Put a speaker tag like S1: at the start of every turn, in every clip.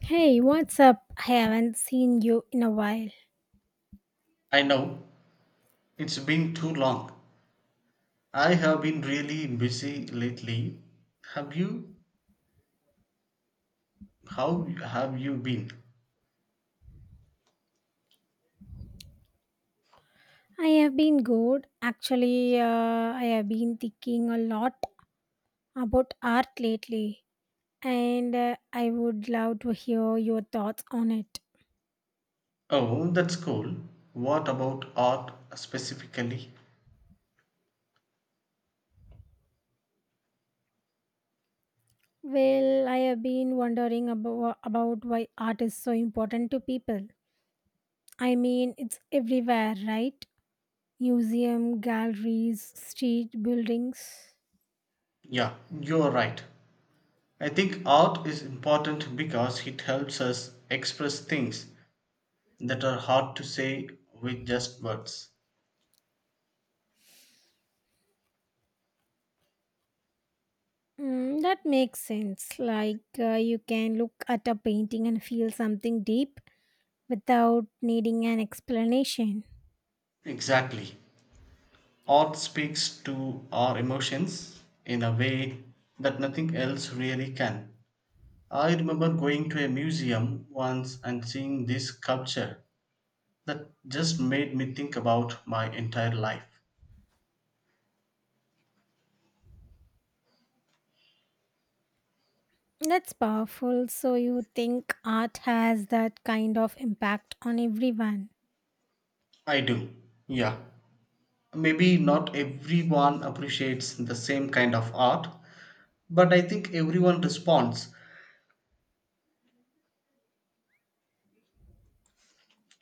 S1: Hey, what's up? I haven't seen you in a while.
S2: I know it's been too long. I have been really busy lately. Have you? How have you been?
S1: I have been good. Actually, I have been thinking a lot about art lately, and I would love to hear your thoughts on it.
S2: Oh, that's cool. What about art specifically?
S1: Well, I have been wondering about why art is so important to people. I mean, it's everywhere, right? Museum, galleries, street buildings.
S2: Yeah, you're right. I think art is important because it helps us express things that are hard to say with just words.
S1: Mm, that makes sense. Like you can look at a painting and feel something deep, without needing an explanation.
S2: Exactly. Art speaks to our emotions in a way that nothing else really can. I remember going to a museum once and seeing this sculpture that just made me think about my entire life.
S1: That's powerful. So, you think art has that kind of impact on everyone?
S2: I do, yeah. Maybe not everyone appreciates the same kind of art, but I think everyone responds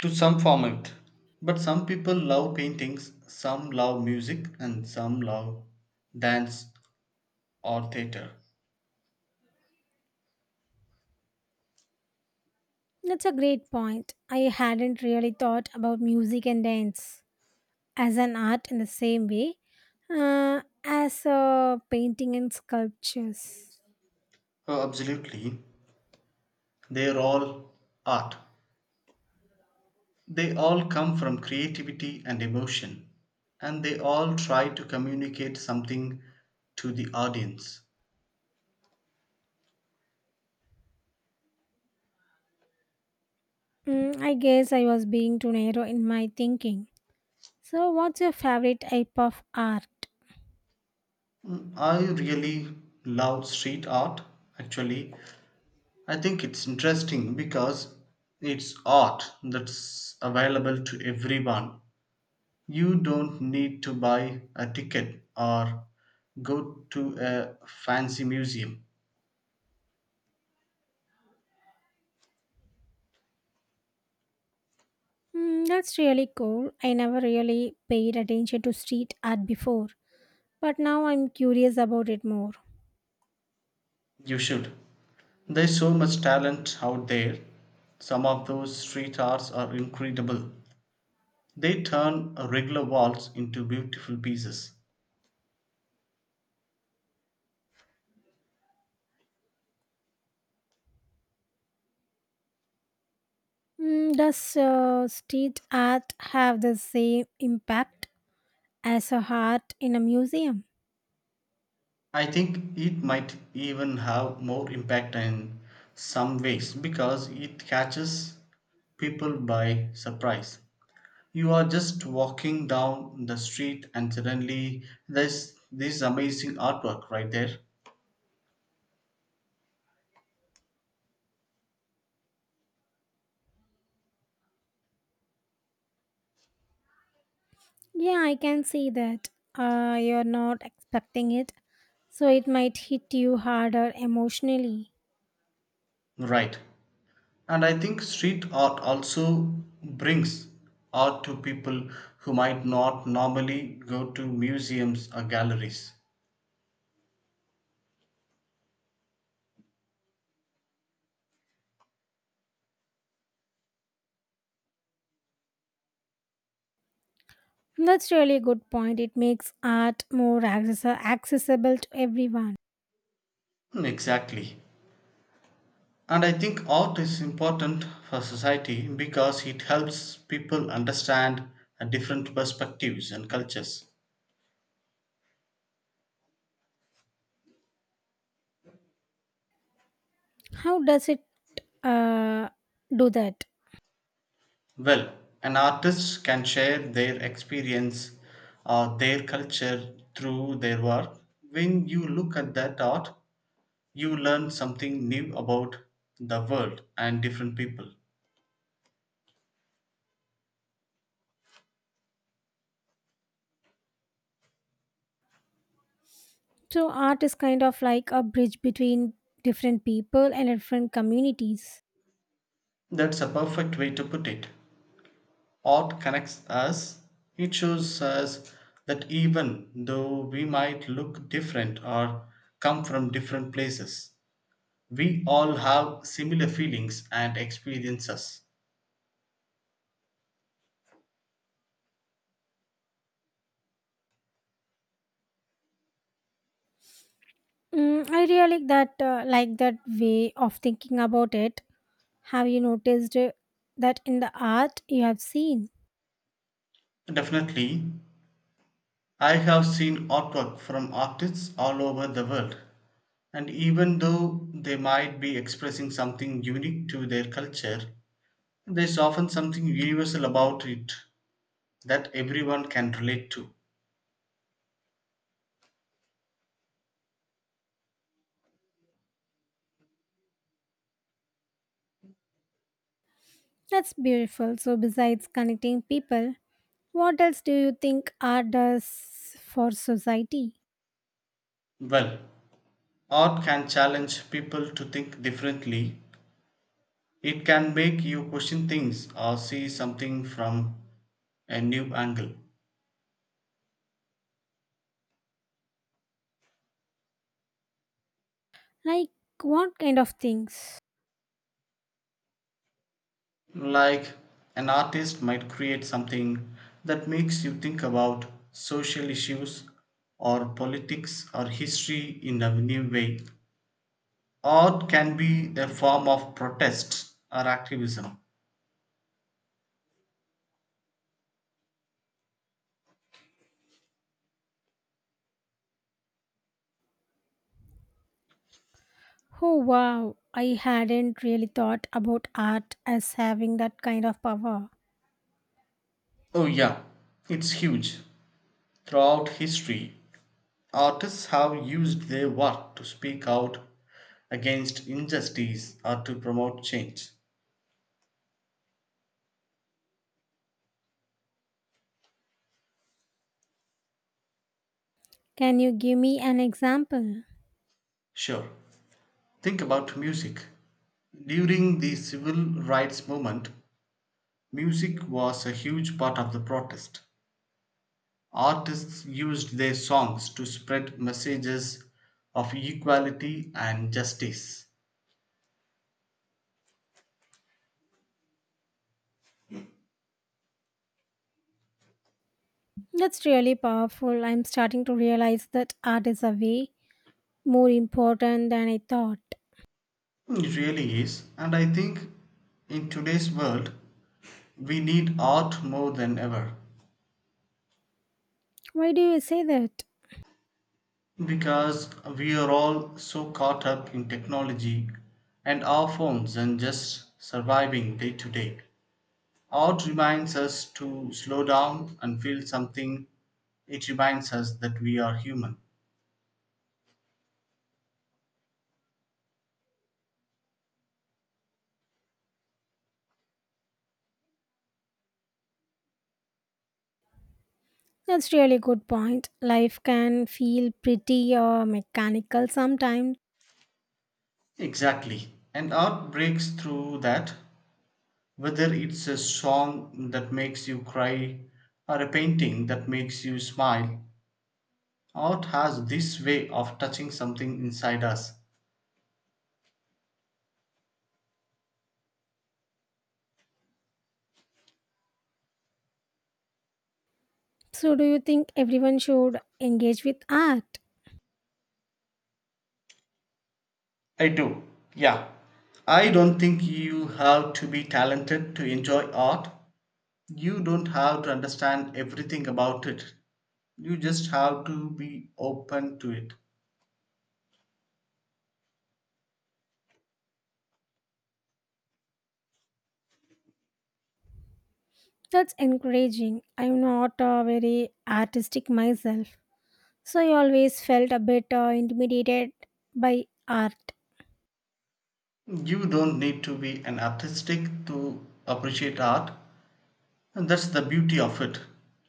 S2: to some form of it. But some people love paintings, some love music, and some love dance or theater.
S1: That's a great point. I hadn't really thought about music and dance as an art in the same way as painting and sculptures.
S2: Oh, absolutely. They're all art. They all come from creativity and emotion, and they all try to communicate something to the audience.
S1: Mm, I guess I was being too narrow in my thinking. So, what's your favorite type of art?
S2: I really love street art, actually. I think it's interesting because it's art that's available to everyone. You don't need to buy a ticket or go to a fancy museum.
S1: Mm, that's really cool. I never really paid attention to street art before. But now I'm curious about it more.
S2: You should. There's so much talent out there. Some of those street arts are incredible. They turn a regular waltz into beautiful pieces.
S1: Mm, does street art have the same impact as a art in a museum?
S2: I think it might even have more impact in some ways because it catches people by surprise. You are just walking down the street and suddenly there's this amazing artwork right there.
S1: Yeah, I can see that. You're not expecting it, so it might hit you harder emotionally.
S2: Right. And I think street art also brings art to people who might not normally go to museums or galleries.
S1: That's really a good point. It makes art more accessible to everyone.
S2: Exactly. And I think art is important for society because it helps people understand different perspectives and cultures.
S1: How does it uh, do that?
S2: Well, an artist can share their experience or their culture through their work. When you look at that art, you learn something new about the world and different people.
S1: So, art is kind of like a bridge between different people and different communities.
S2: That's a perfect way to put it. Art connects us, it shows us that even though we might look different or come from different places, we all have similar feelings and experiences.
S1: Mm, I really like that way of thinking about it. Have you noticed that in the art you have seen?
S2: Definitely, I have seen artwork from artists all over the world, and even though they might be expressing something unique to their culture, there's often something universal about it that everyone can relate to.
S1: That's beautiful. So besides connecting people, what else do you think art does for society?
S2: Well, art can challenge people to think differently. It can make you question things or see something from a new angle.
S1: Like what kind of things?
S2: Like an artist might create something that makes you think about social issues or politics or history in a new way. Art can be a form of protest or activism.
S1: Oh wow, I hadn't really thought about art as having that kind of power.
S2: Oh, yeah, it's huge. Throughout history, artists have used their work to speak out against injustice or to promote change.
S1: Can you give me an example?
S2: Sure, think about music. During the civil rights movement, music was a huge part of the protest. Artists used their songs to spread messages of equality and justice.
S1: That's really powerful. I'm starting to realize that art is a way more important than I thought.
S2: It really is, and I think in today's world, we need art more than ever.
S1: Why do you say that?
S2: Because we are all so caught up in technology and our phones and just surviving day to day. Art reminds us to slow down and feel something. It reminds us that we are human.
S1: That's really good point. Life can feel pretty mechanical sometimes.
S2: Exactly. And art breaks through that, whether it's a song that makes you cry or a painting that makes you smile. Art has this way of touching something inside us.
S1: So do you think everyone should engage with art?
S2: I do. Yeah. I don't think you have to be talented to enjoy art. You don't have to understand everything about it. You just have to be open to it.
S1: That's encouraging. I'm not very artistic myself. So I always felt a bit intimidated by art.
S2: You don't need to be an artistic to appreciate art. And that's the beauty of it.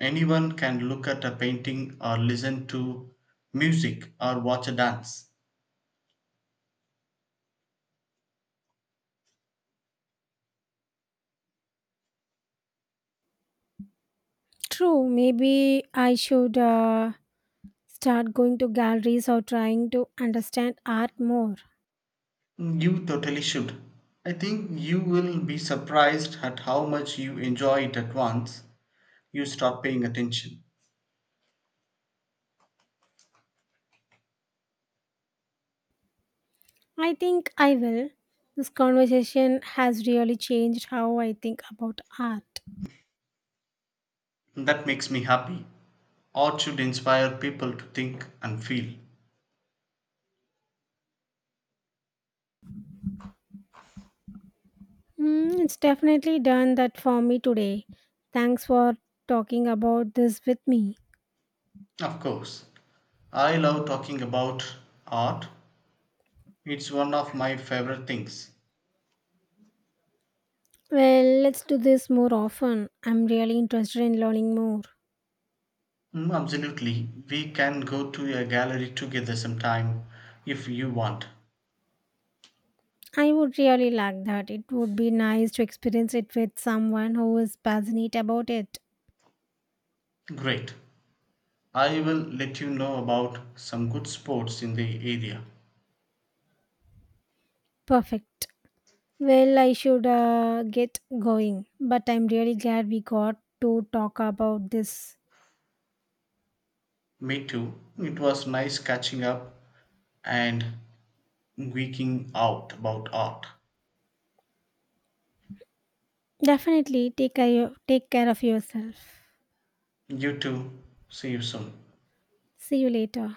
S2: Anyone can look at a painting or listen to music or watch a dance.
S1: True, maybe I should start going to galleries or trying to understand art more.
S2: You totally should. I think you will be surprised at how much you enjoy it at once you start paying attention.
S1: I think I will. This conversation has really changed how I think about art.
S2: That makes me happy. Art should inspire people to think and feel.
S1: Mm, it's definitely done that for me today. Thanks for talking about this with me.
S2: Of course, I love talking about art. It's one of my favorite things.
S1: Well, let's do this more often. I'm really interested in learning more.
S2: Absolutely. We can go to a gallery together sometime if you want.
S1: I would really like that. It would be nice to experience it with someone who is passionate about it.
S2: Great. I will let you know about some good sports in the area.
S1: Perfect. Well, I should get going, but I'm really glad we got to talk about this.
S2: Me too. It was nice catching up and geeking out about art.
S1: Definitely take care of yourself.
S2: You too. See you soon.
S1: See you later.